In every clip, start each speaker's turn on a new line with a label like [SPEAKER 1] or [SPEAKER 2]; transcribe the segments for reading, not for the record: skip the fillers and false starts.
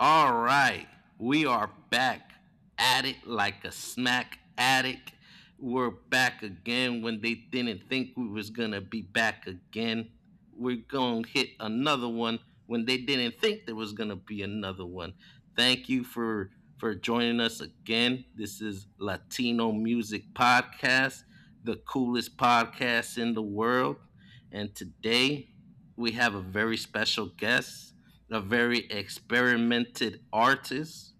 [SPEAKER 1] All right, we are back at it like a smack addict. We're back again when they didn't think we was gonna be back again. We're gonna hit another one when they didn't think there was gonna be another one. Thank you for joining us again. This is Latino Music Podcast, the coolest podcast in the world, and today we have a very special guest, a very experimented artist.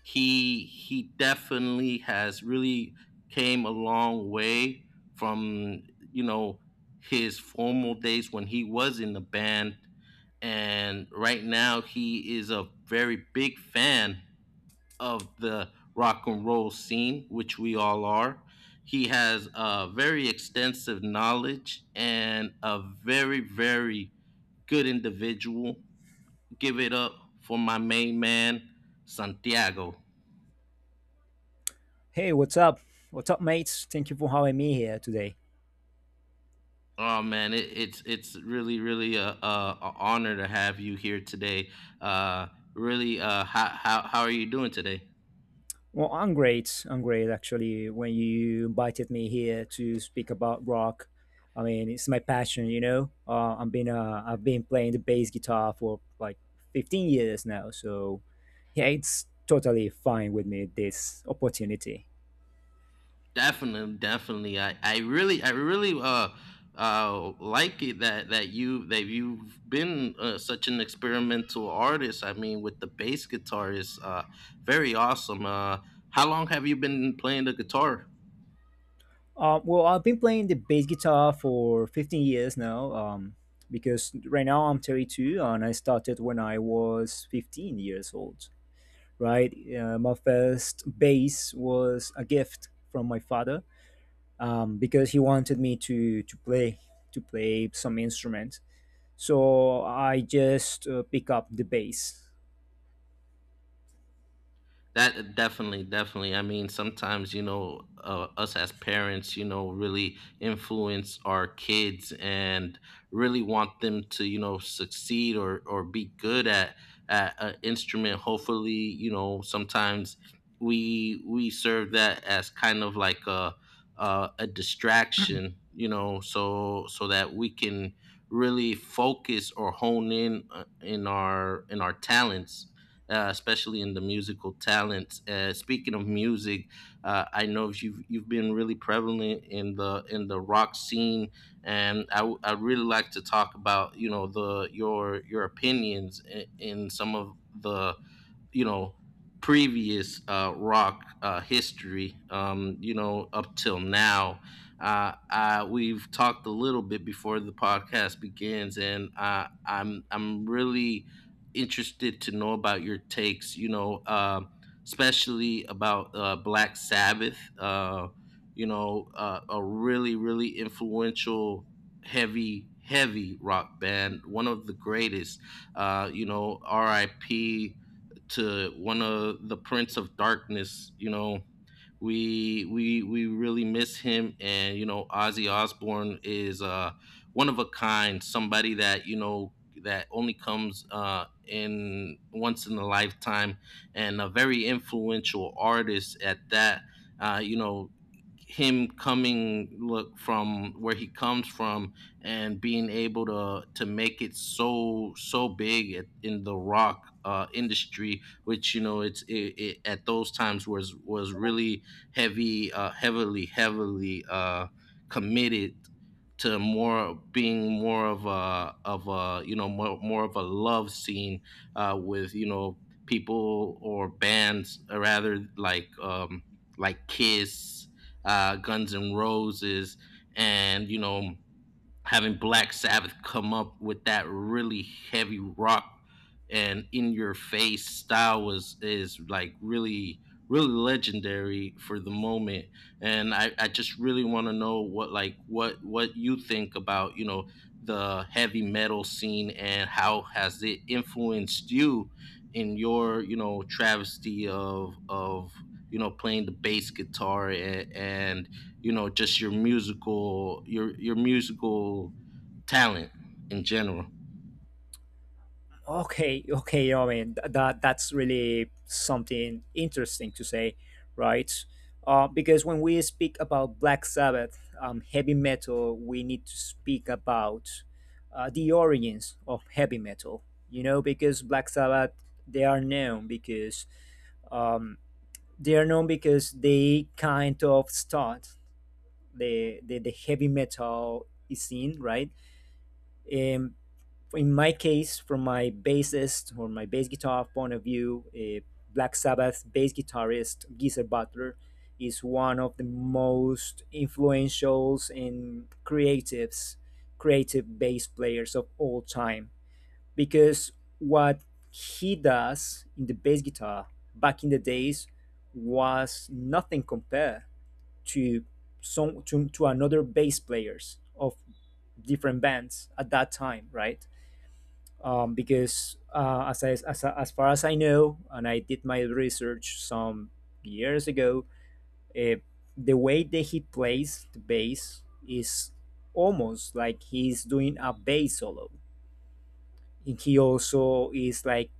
[SPEAKER 1] He definitely has really came a long way from you know his formal days when he was in the band. And right now he is a very big fan of the rock and roll scene, which we all are. He has a very extensive knowledge and a very good individual. Give it up for my main man, Santiago.
[SPEAKER 2] Hey, what's up? What's up, mates? Thank you for having me here today.
[SPEAKER 1] Oh man, it's really a honor to have you here today. Uh, really, how are you doing today?
[SPEAKER 2] Well, I'm great. I'm great, actually. When you invited me here to speak about rock, I mean, it's my passion, you know. I've been playing the bass guitar for like 15 years now, so yeah, it's totally fine with me this opportunity.
[SPEAKER 1] Definitely, definitely. I really like it that you've been such an experimental artist. I mean, with the bass guitar is very awesome. How long have you been playing the guitar?
[SPEAKER 2] Well, I've been playing the bass guitar for 15 years now, because right now I'm 32 and I started when I was 15 years old, right? My first bass was a gift from my father, because he wanted me to play to play some instrument. So I just pick up the bass.
[SPEAKER 1] That definitely, definitely. I mean, sometimes, you know, us as parents, you know, really influence our kids and really want them to, you know, succeed or be good at an instrument. Hopefully, you know, sometimes we serve that as kind of like a distraction, you know, so that we can really focus or hone in, in our talents, especially in the musical talents. Speaking of music, I know you've been really prevalent in the rock scene, and I'd really like to talk about, you know, the your opinions in some of the, you know, previous rock history, you know, up till now. We've talked a little bit before the podcast begins, and I'm really interested to know about your takes. You know, especially about Black Sabbath. You know, a really influential, heavy rock band, one of the greatest. You know, R.I.P to one of the Prince of Darkness. You know, we really miss him, and you know, Ozzy Osbourne is, one of a kind, somebody that you know that only comes, in once in a lifetime, and a very influential artist at that. You know, him coming look from where he comes from and being able to make it so big in the rock industry, which you know at those times was really heavy, heavily committed to more being more of a you know more of a love scene, with you know people or bands or rather like, like Kiss, Guns and Roses, and you know having Black Sabbath come up with that really heavy rock and in your face style was is like really legendary for the moment. And I just really want to know what you think about, you know, the heavy metal scene, and how has it influenced you in your, you know, travesty of you know playing the bass guitar, and you know just your musical your musical talent in general.
[SPEAKER 2] Okay, I mean that's really something interesting to say, right? Because when we speak about Black Sabbath, heavy metal, we need to speak about the origins of heavy metal. You know, because Black Sabbath, they are known because um, they kind of start the heavy metal scene, right? Um, in my case, from my bassist or my bass guitar point of view, Black Sabbath bass guitarist Geezer Butler is one of the most influential and creative bass players of all time. Because what he does in the bass guitar back in the days was nothing compared to to another bass players of different bands at that time, right? Because as, I, As far as I know, and I did my research some years ago, uh, the way that he plays the bass is almost like he's doing a bass solo. And he also is like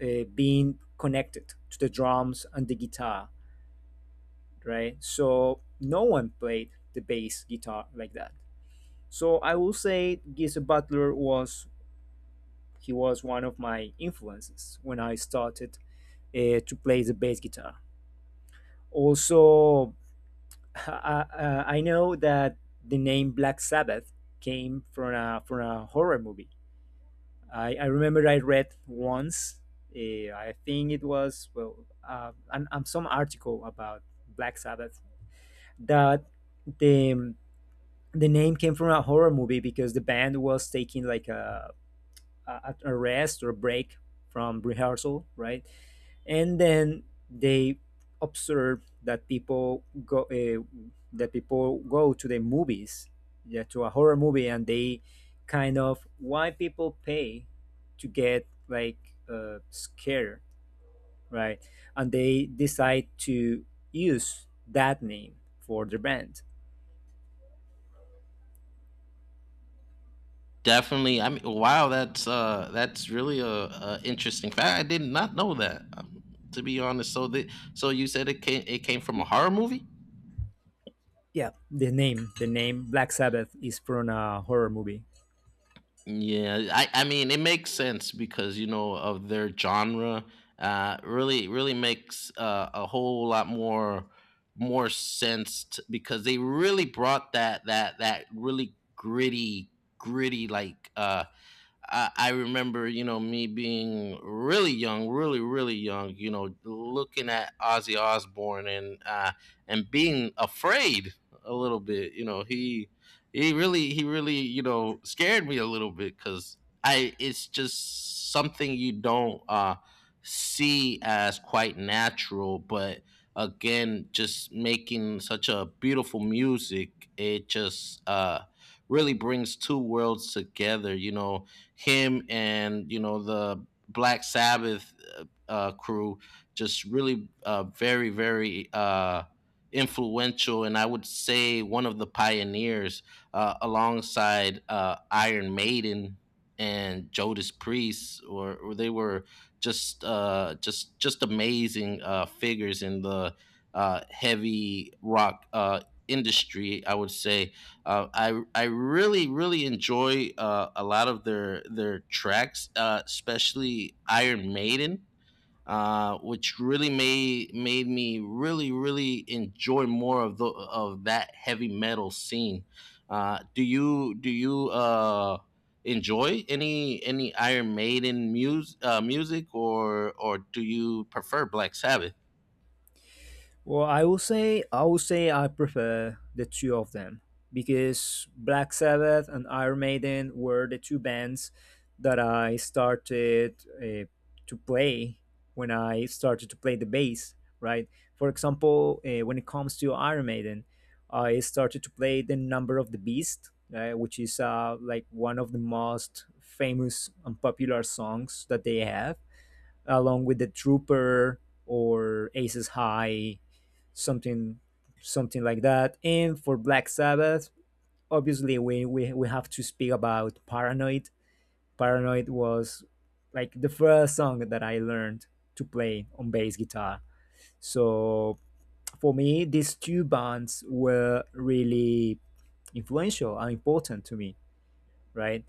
[SPEAKER 2] being connected to the drums and the guitar, right? So no one played the bass guitar like that. So I will say Geezer Butler was he was one of my influences when I started to play the bass guitar. Also, I know that the name Black Sabbath came from a horror movie. I remember I read once, uh, I think it was, well, some article about Black Sabbath, that the, the name came from a horror movie because the band was taking like a rest or break from rehearsal, right? And then they observe that people go to the movies, yeah, to a horror movie, and they kind of why people pay to get like scared, right? And they decide to use that name for their band.
[SPEAKER 1] Definitely. I mean, wow, that's really a interesting fact. I did not know that, to be honest. So you said it came, from a horror movie.
[SPEAKER 2] Yeah, the name Black Sabbath is from a horror movie.
[SPEAKER 1] Yeah, I mean it makes sense because you know of their genre. Really, really makes, a whole lot more sense, because they really brought that really gritty like. I remember, you know, me being really young, really, really young, you know, looking at Ozzy Osbourne, and being afraid a little bit. You know, he really scared me a little bit because I it's just something you don't, see as quite natural, but again, just making such a beautiful music, it just, really brings two worlds together. You know, him and you know the Black Sabbath crew just really, very influential, and I would say one of the pioneers, alongside Iron Maiden and Judas Priest, or they were just, just amazing, figures in the, heavy rock, industry. I would say, I really enjoy, a lot of their tracks, especially Iron Maiden, which really made me really enjoy more of the of that heavy metal scene. Do you enjoy any Iron Maiden music, or do you prefer Black Sabbath?
[SPEAKER 2] Well, I will say I prefer the two of them because Black Sabbath and Iron Maiden were the two bands that I started to play when I started to play the bass. Right. For example, when it comes to Iron Maiden, I started to play the Number of the Beast, which is like one of the most famous and popular songs that they have, along with the Trooper or Aces High, something something like that. And for Black Sabbath, obviously we have to speak about Paranoid. Paranoid was like the first song that I learned to play on bass guitar. So for me, these two bands were really influential and important to me, right?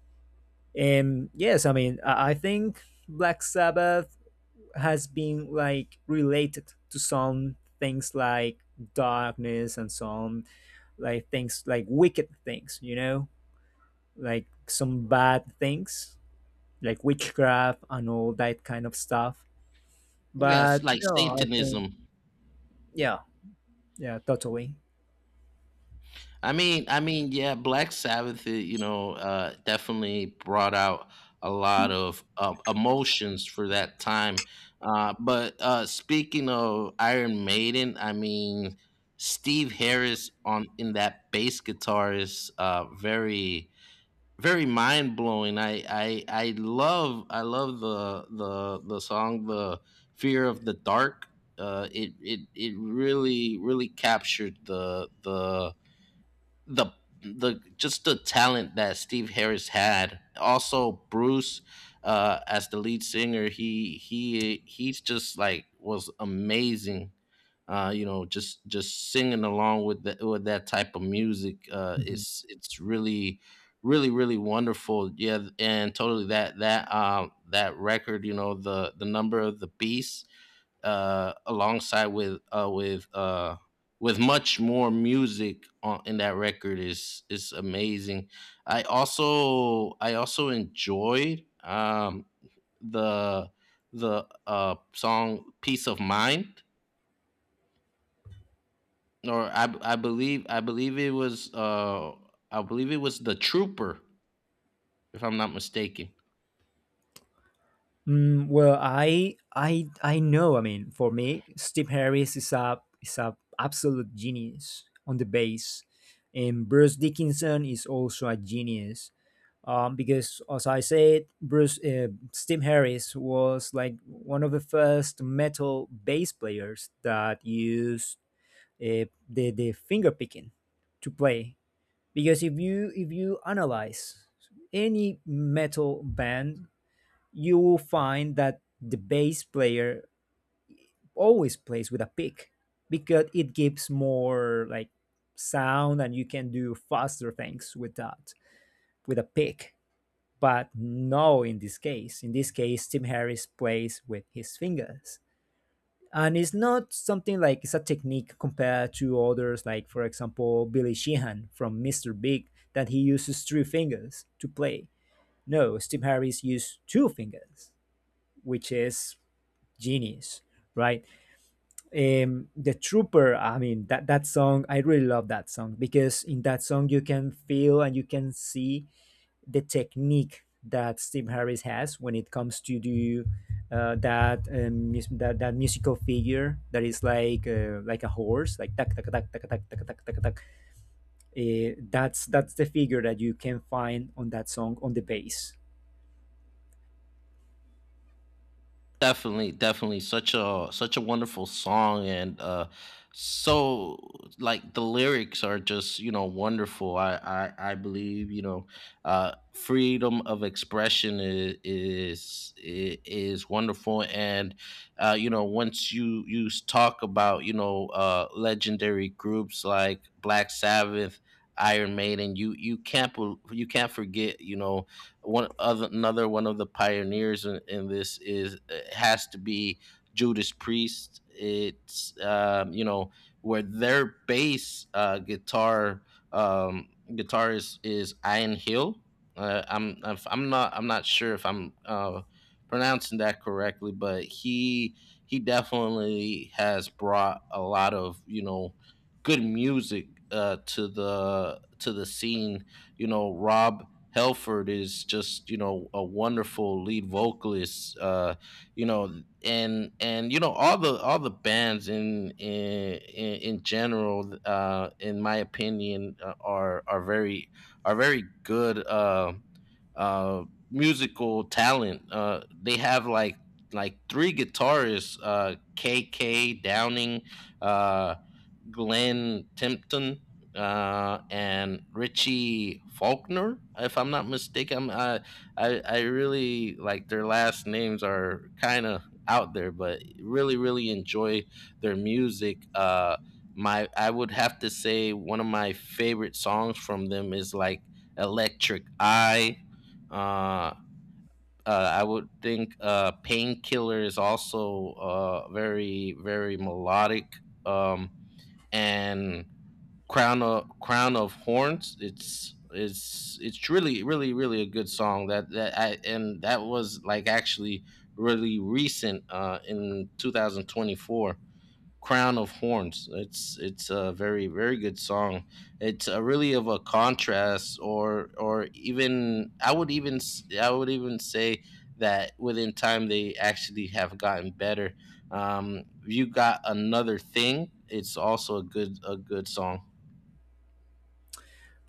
[SPEAKER 2] And yes, I mean, I think Black Sabbath has been like related to some things like darkness and some like things like wicked things, you know, like some bad things, like witchcraft and all that kind of stuff.
[SPEAKER 1] Yes,
[SPEAKER 2] But
[SPEAKER 1] like
[SPEAKER 2] no, I think
[SPEAKER 1] Satanism.
[SPEAKER 2] yeah, yeah, totally.
[SPEAKER 1] I mean, yeah, Black Sabbath, you know, definitely brought out a lot of emotions for that time. But speaking of Iron Maiden, I mean, Steve Harris on in that bass guitar is, very mind blowing. I love the song, the fear of the dark. It really captured the the just the talent that Steve Harris had. Also Bruce, as the lead singer, he's just like was amazing. You know, just singing along with that type of music, uh it's it's really really really wonderful. Yeah, and totally that record, you know, the number of the beast, alongside with much more music on in that record is amazing. I also enjoyed, the the song "Peace of Mind," or I believe it was the Trooper, if I'm not mistaken.
[SPEAKER 2] Well, I know. I mean, for me, Steve Harris is a absolute genius on the bass, and Bruce Dickinson is also a genius. Because as I said, Bruce Steve Harris was like one of the first metal bass players that used the finger picking to play. Because if you analyze any metal band you will find that the bass player always plays with a pick because it gives more like sound and you can do faster things with that with a pick. But no, in this case tim harris plays with his fingers, and it's not something like it's a technique compared to others, like for example billy sheehan from mr big that he uses three fingers to play. No, tim harris used two fingers, which is genius, right? The trooper, I mean, that song I really love that song because in that song you can feel and you can see the technique that steve harris has when it comes to do, that that musical figure that is like a horse like tak tak tak tak tak tak tak tak tak, that's the figure that you can find on that song on the bass.
[SPEAKER 1] Definitely, definitely, such a wonderful song. And so, like, the lyrics are just, you know, wonderful. I believe, you know, freedom of expression is wonderful, and you know, once talk about, you know, legendary groups like Black Sabbath, Iron Maiden, you can't forget, you know, one other another one of the pioneers in this, is it has to be Judas Priest. It's, you know, where their bass guitar guitarist is Ian Hill. Uh, I'm I'm not sure if I'm pronouncing that correctly, but he definitely has brought a lot of you know good music, to the scene. You know, Rob Helford is just you know a wonderful lead vocalist, you know, and you know all the bands in general, in my opinion, are very good, uh, musical talent. They have like three guitarists: KK Downing, uh, Glenn Tipton, and Richie Faulkner, if I'm not mistaken. I'm, I really like their last names are kind of out there, but really enjoy their music. My I would have to say one of my favorite songs from them is like Electric Eye. Uh, I would think, Painkiller is also, very melodic. Um, and Crown of Horns, it's really a good song. That that I, and That was like actually really recent, in 2024. Crown of Horns, it's a very good song. It's a really of a contrast, or even I would even say that within time they actually have gotten better. You got another thing, it's also a good song.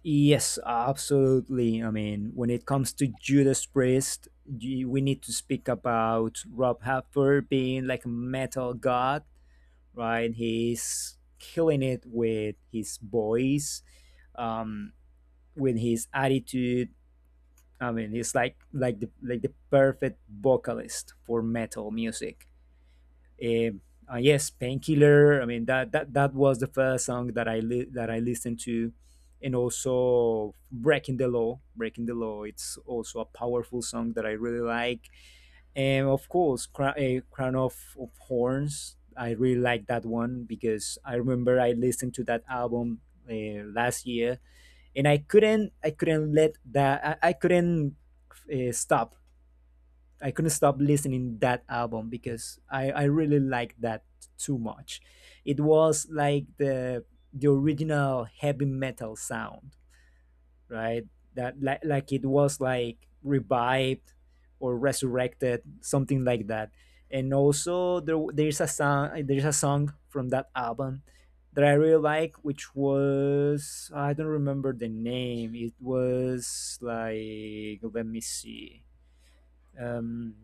[SPEAKER 2] Yes, absolutely. I mean, when it comes to Judas Priest, we need to speak about Rob Halford being like a metal god, right? He's killing it with his voice, um, with his attitude. I mean, he's like like the perfect vocalist for metal music. Um, yes, painkiller. I mean that was the first song that that I listened to, and also breaking the law. Breaking the law. It's also a powerful song that I really like, and of course, crown of horns. I really like that one because I remember I listened to that album last year, and I couldn't let that I couldn't stop I couldn't stop listening that album because I really liked that too much. It was like the original heavy metal sound, right? That like it was like revived or resurrected, something like that. And also there's a song from that album that I really like, which was I don't remember the name. It was like let me see. Um,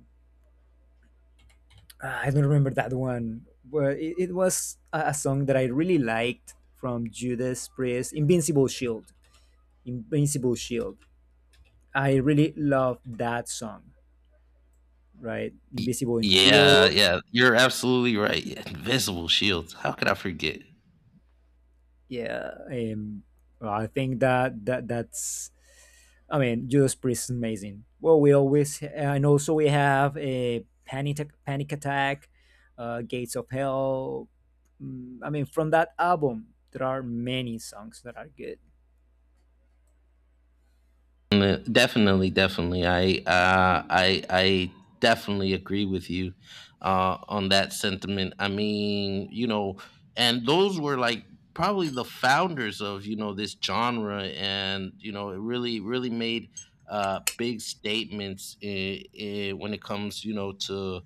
[SPEAKER 2] I don't remember that one, but it was a song that I really liked from Judas Priest, Invincible Shield. Invincible Shield. I really love that song, right? Invisible
[SPEAKER 1] Yeah,
[SPEAKER 2] Shield.
[SPEAKER 1] yeah, you're absolutely right. Invisible shields. How could I forget?
[SPEAKER 2] Yeah. Well, I think that, I mean, Judas Priest is amazing. Well, we always, and also we have a panic Attack, Gates of Hell. Mm, I mean, from that album, there are many songs that are good.
[SPEAKER 1] Definitely, definitely. I definitely agree with you, on that sentiment. I mean, you know, and those were like probably the founders of, you know, this genre, and you know, it really, really made, big statements. I When it comes, you know, to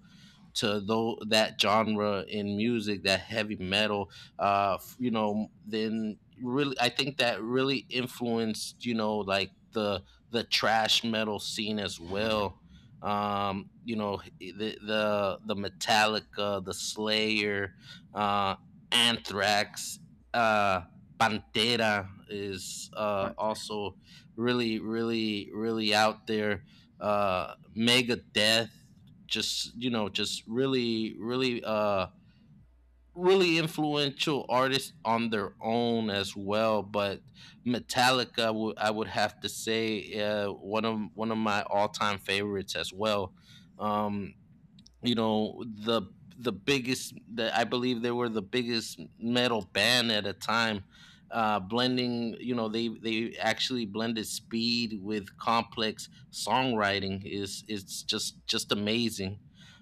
[SPEAKER 1] to though that genre in music, that heavy metal, you know, then really I think that really influenced, you know, like the trash metal scene as well. You know, the Metallica, the Slayer, uh, Anthrax, uh, Pantera is, also really, really, really out there. Megadeth just you know just really really really influential artists on their own as well, but metallica would I would have to say, one of my all-time favorites as well. um you know the the biggest that I believe they were the biggest metal band at a time. Uh blending you know they they actually blended speed with complex songwriting. Is it's just just amazing.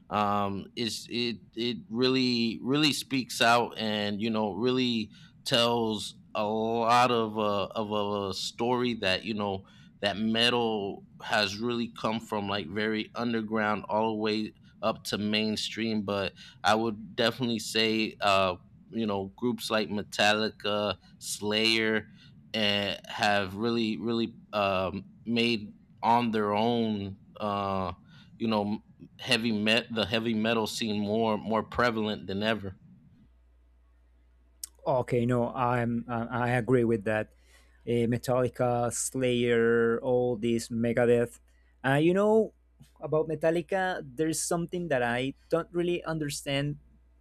[SPEAKER 1] Um is it it really really speaks out, and really tells a lot of a story that you know that metal has really come from, like, very underground all the way up to mainstream. But I would definitely say, groups like Metallica, Slayer, and have really, really, made on their own, you know, heavy met the heavy metal scene more prevalent than ever.
[SPEAKER 2] Okay, no, I agree with that. Metallica, Slayer, all these Megadeth. You know about Metallica, there's something that I don't really understand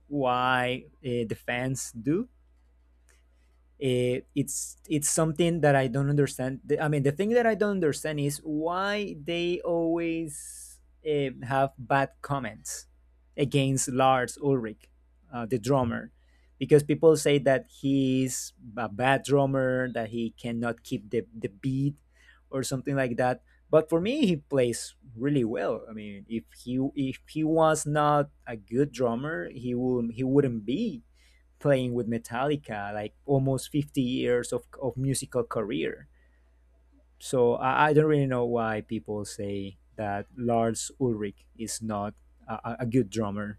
[SPEAKER 2] why the fans do. It's something that I don't understand. I mean, the thing that I don't understand is why they always have bad comments against Lars Ulrich, the drummer, because people say that he's a bad drummer, that he cannot keep the beat or something like that. But for me, he plays really well. I mean, if he was not a good drummer, he wouldn't be playing with Metallica, like almost 50 years of musical career. So I don't really know why people say that Lars Ulrich is not good drummer.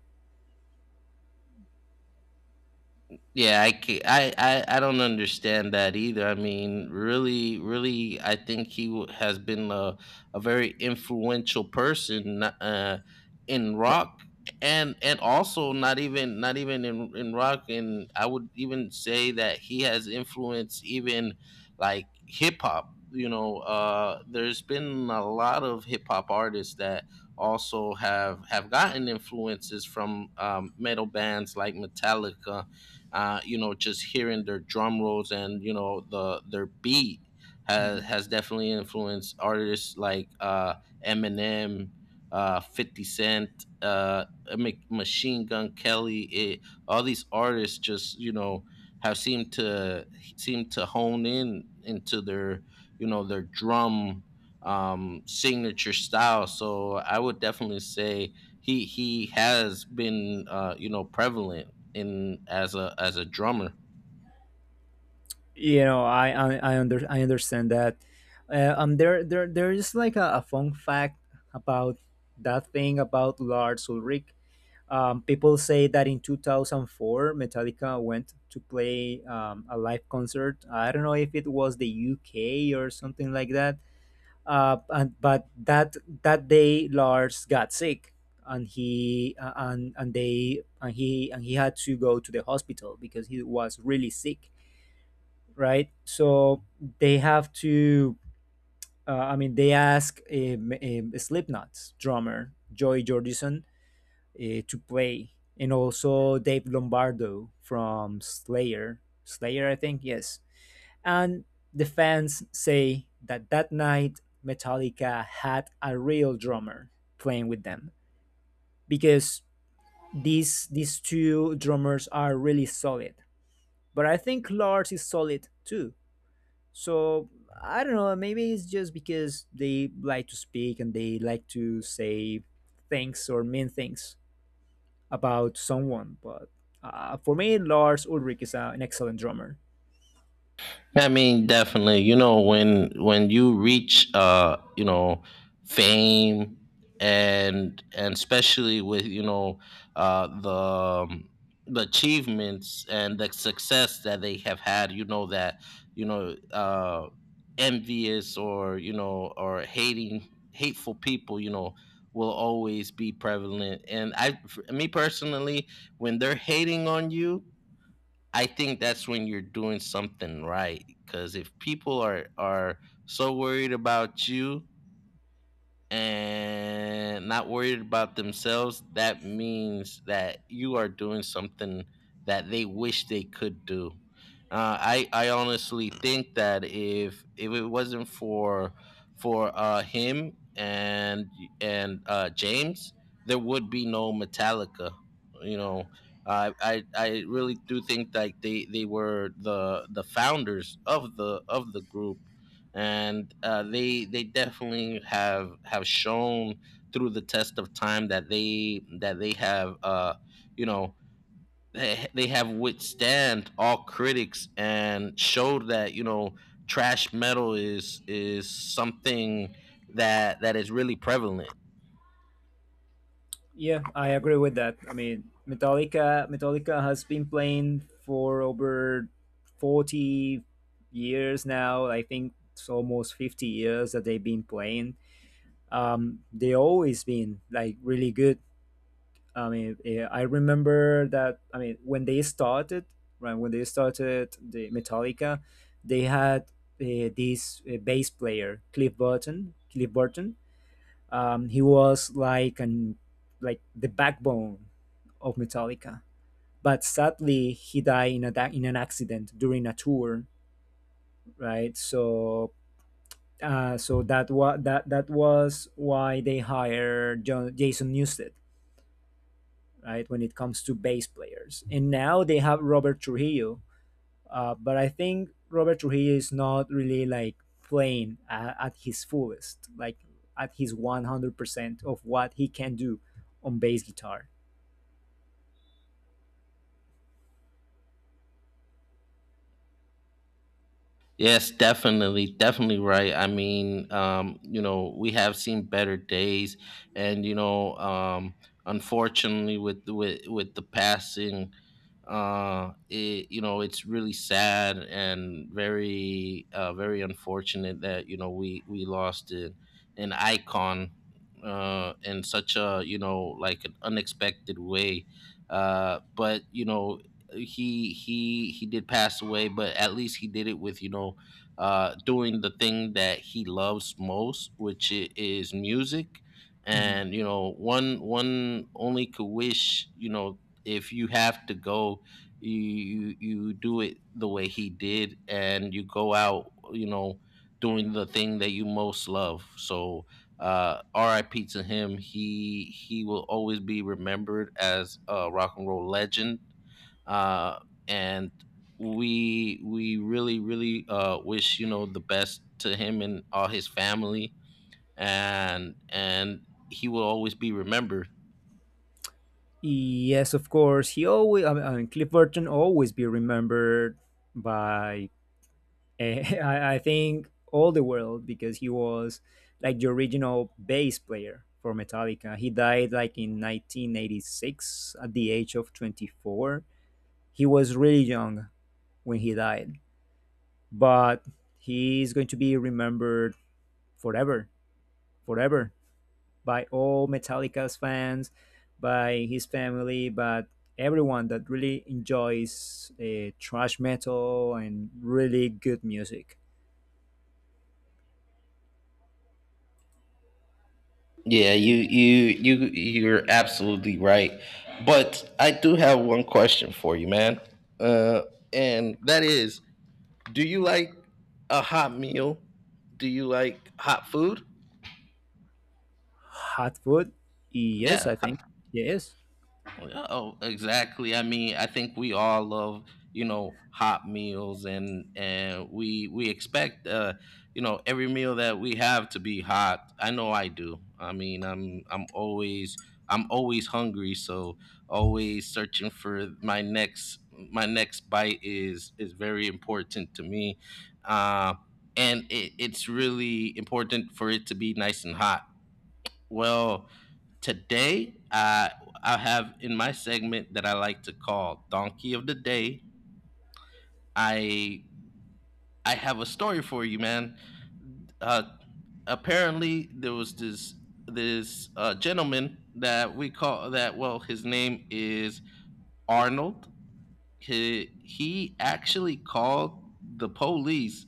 [SPEAKER 1] Yeah, I don't understand that either. I mean, really, really, I think he has been a very influential person, in
[SPEAKER 2] No.
[SPEAKER 1] rock. And also, not even in rock, and I would even say that he has influenced even, like, hip hop. You know, there's been a lot of hip hop artists that also have gotten influences from, metal bands like Metallica, you know, just hearing their drum rolls, and their beat has
[SPEAKER 2] Mhm.
[SPEAKER 1] has definitely influenced artists like, Eminem, Fifty Cent, Machine Gun Kelly. All these artists just, have seemed to seem to hone in into their, their drum, signature style. So I would definitely say he has been, you know, prevalent in as a drummer.
[SPEAKER 2] You know, I understand that. There is like a fun fact about that thing about Lars Ulrich. People say that in 2004, Metallica went to play a live concert. I don't know if it was the UK or something like that. And, but that that day, Lars got sick, and he and they and he had to go to the hospital because he was really sick, right? So they have to. I mean, they ask Slipknot's drummer Joy Jordison to play, and also Dave Lombardo from Slayer. Slayer, I think, yes. And the fans say that that night Metallica had a real drummer playing with them because these two drummers are really solid. But I think Lars is solid too. So I don't know. Maybe it's just because they like to speak and they like to say things or mean things about someone, but for me, Lars Ulrich is an excellent drummer.
[SPEAKER 1] I mean, definitely, when you reach, fame, and especially with, uh the um, the achievements and the success that they have had, you know that you know envious, or or hating hateful people, you know, will always be prevalent. And I for me personally, when they're hating on you, I think that's when you're doing something right. Because if people are so worried about you, and not worried about themselves, that means that you are doing something that they wish they could do. I honestly think that if it wasn't for him, and, James, there would be no Metallica. You know, I really do think that they were the founders of the group. And, they definitely have shown through the test of time that they have, you know they have withstand all critics, and showed that, you know, trash metal is something that is really prevalent.
[SPEAKER 2] Yeah, I agree with that. I mean, Metallica has been playing for over 40 years now. I think it's almost 50 years that they've been playing. They always been like really good. I mean, I remember that. I mean, when they started, right? When they started the Metallica, they had this bass player, Cliff Burton. Cliff Burton. He was like an like the backbone of Metallica, but sadly he died in an accident during a tour, right? So. So that was that was why they hired Jason Newsted, right? When it comes to bass players, and now they have Robert Trujillo, but I think Robert Trujillo is not really like playing at his fullest, like at his 100% of what he can do on bass guitar.
[SPEAKER 1] Yes, definitely, definitely right. I mean, you know, we have seen better days, and, unfortunately, with with the passing, you know, it's really sad and very, very unfortunate that, you know, we lost an icon, in such a, you know, like, an unexpected way. But, you know, he did pass away, but at least he did it with, doing the thing that he loves most, which is music.
[SPEAKER 2] Mhm.
[SPEAKER 1] And, you know, one only could wish, you know, if you have to go, you do it the way he did, and you go out, you know, doing the thing that you most love. So, R.I.P. to him. He will always be remembered as a rock and roll legend, uh, and we really really, wish, you know, the best to him and all his family, and he will always be remembered.
[SPEAKER 2] Yes, of course. He always, I mean, Cliff Burton always be remembered by I think all the world because he was like the original bass player for Metallica. He died like in 1986 at the age of 24. He was really young when he died, but he's going to be remembered forever, forever by all Metallica's fans, by his family, but everyone that really enjoys trash metal and really good music.
[SPEAKER 1] Yeah, you're absolutely right. But I do have one question for you, man. Uh and that is, do you like a hot meal? Do you like hot food?
[SPEAKER 2] Hotfoot? Yes,
[SPEAKER 1] Yeah.
[SPEAKER 2] I think. Yes.
[SPEAKER 1] Oh, yeah. Oh, exactly. I mean, I think we all love, you know, hot meals, and we expect, you know, every meal that we have to be hot. I know I do. I mean, I'm always hungry, so always searching for my next bite is very important to me. Uh and it's really important for it to be nice and hot. Well, today I have, in my segment that I like to call Donkey of the Day, I I have a story for you, man. Uh, Apparently there was this, gentleman that we call that. Well, his name is Arnold. He actually called the police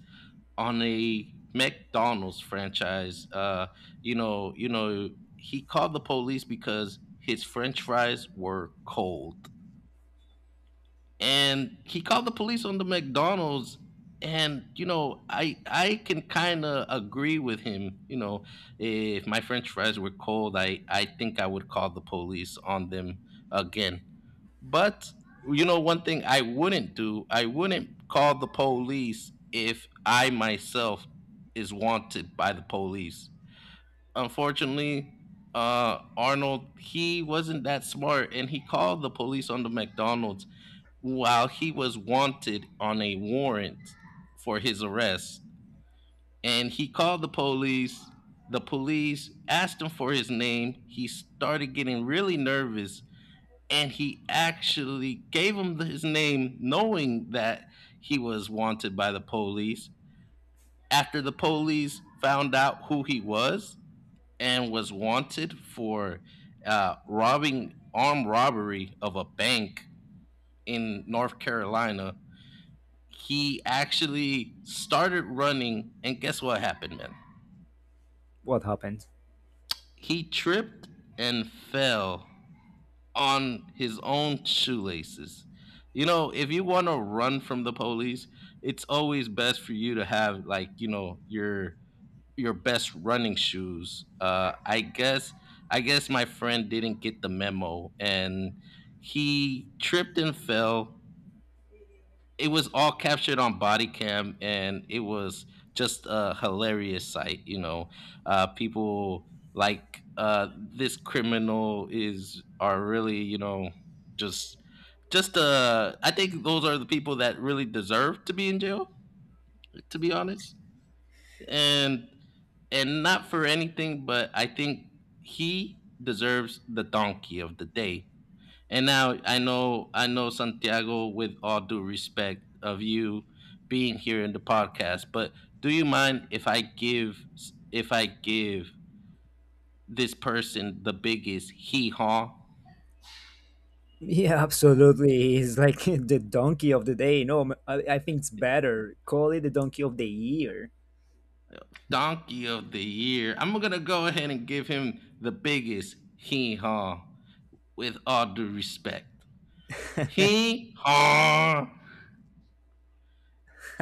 [SPEAKER 1] on a McDonald's franchise. You know, you know, he called the police because his French fries were cold, and he called the police on the McDonald's. And, you know, I can kind of agree with him. You know, if my French fries were cold, I think I would call the police on them again. But, you know, one thing I wouldn't do, I wouldn't call the police if I myself is wanted by the police. Unfortunately, Arnold, he wasn't that smart, and he called the police on the McDonald's while he was wanted on a warrant for his arrest. And he called the police. The police asked him for his name. He started getting really nervous, and he actually gave him his name, knowing that he was wanted by the police. After the police found out who he was and was wanted for, robbing armed robbery of a bank in North Carolina, he actually started running. And guess what happened, man?
[SPEAKER 2] What happened?
[SPEAKER 1] He tripped and fell on his own shoelaces. You know, if you want to run from the police, it's always best for you to have, like, you know, your best running shoes. I guess my friend didn't get the memo, and he tripped and fell. It was all captured on body cam, and it was just a hilarious sight, you know. People like, this criminal, is are really, you know, just just I think those are the people that really deserve to be in jail, to be honest. And and not for anything, but I think he deserves the Donkey of the Day. And now, I know, Santiago, with all due respect of you being here in the podcast, but do you mind if I give, if I give this person the biggest hee haw?
[SPEAKER 2] Yeah, absolutely. He's like the donkey of the day. No, I think it's better. Call it the donkey of the year.
[SPEAKER 1] Donkey of the year? I'm gonna go ahead and give him the biggest hee haw, with all due respect. Hee haw.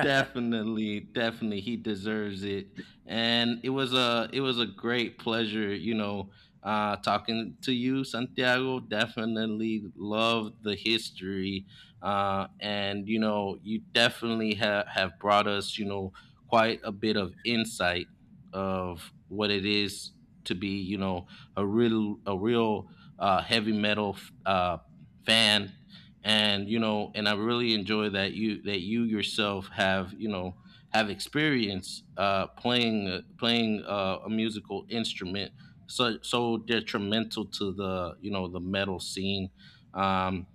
[SPEAKER 1] Definitely, definitely, he deserves it. And it was a great pleasure, you know, talking to you, Santiago. Definitely loved the history, and, you know, you definitely have brought us, you know, quite a bit of insight of what it is to be, you know, a real, heavy metal fan. And, you know, and I really enjoy that you yourself have, you know, have experience, playing, a musical instrument, so detrimental to the you know, the metal scene. um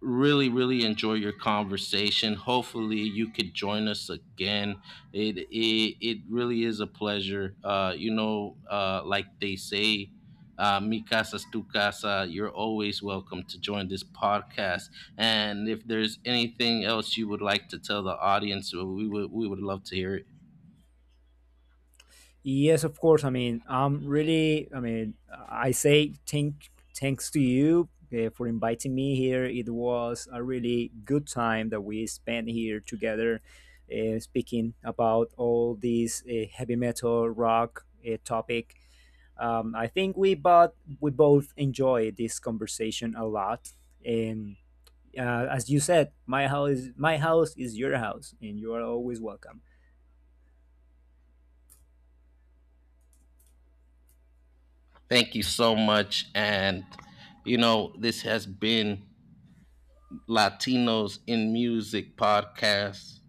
[SPEAKER 1] Really really enjoy your conversation. Hopefully you could join us again. It really is a pleasure, you know, like they say, mi casa es tu casa. You're always welcome to join this podcast. And if there's anything else you would like to tell the audience, well, we would love to hear it.
[SPEAKER 2] Yes, of course. I mean, I'm really, I mean, I say thank, thanks to you for inviting me here. It was a really good time that we spent here together speaking about all these heavy metal rock topic. I think we both enjoy this conversation a lot. And as you said, my house is your house, and you are always welcome.
[SPEAKER 1] Thank you so much. And, you know, this has been Latinos in Music podcast,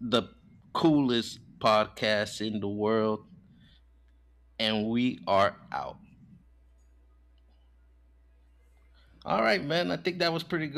[SPEAKER 1] the coolest podcast in the world, and we are out. All right, man. I think that was pretty good.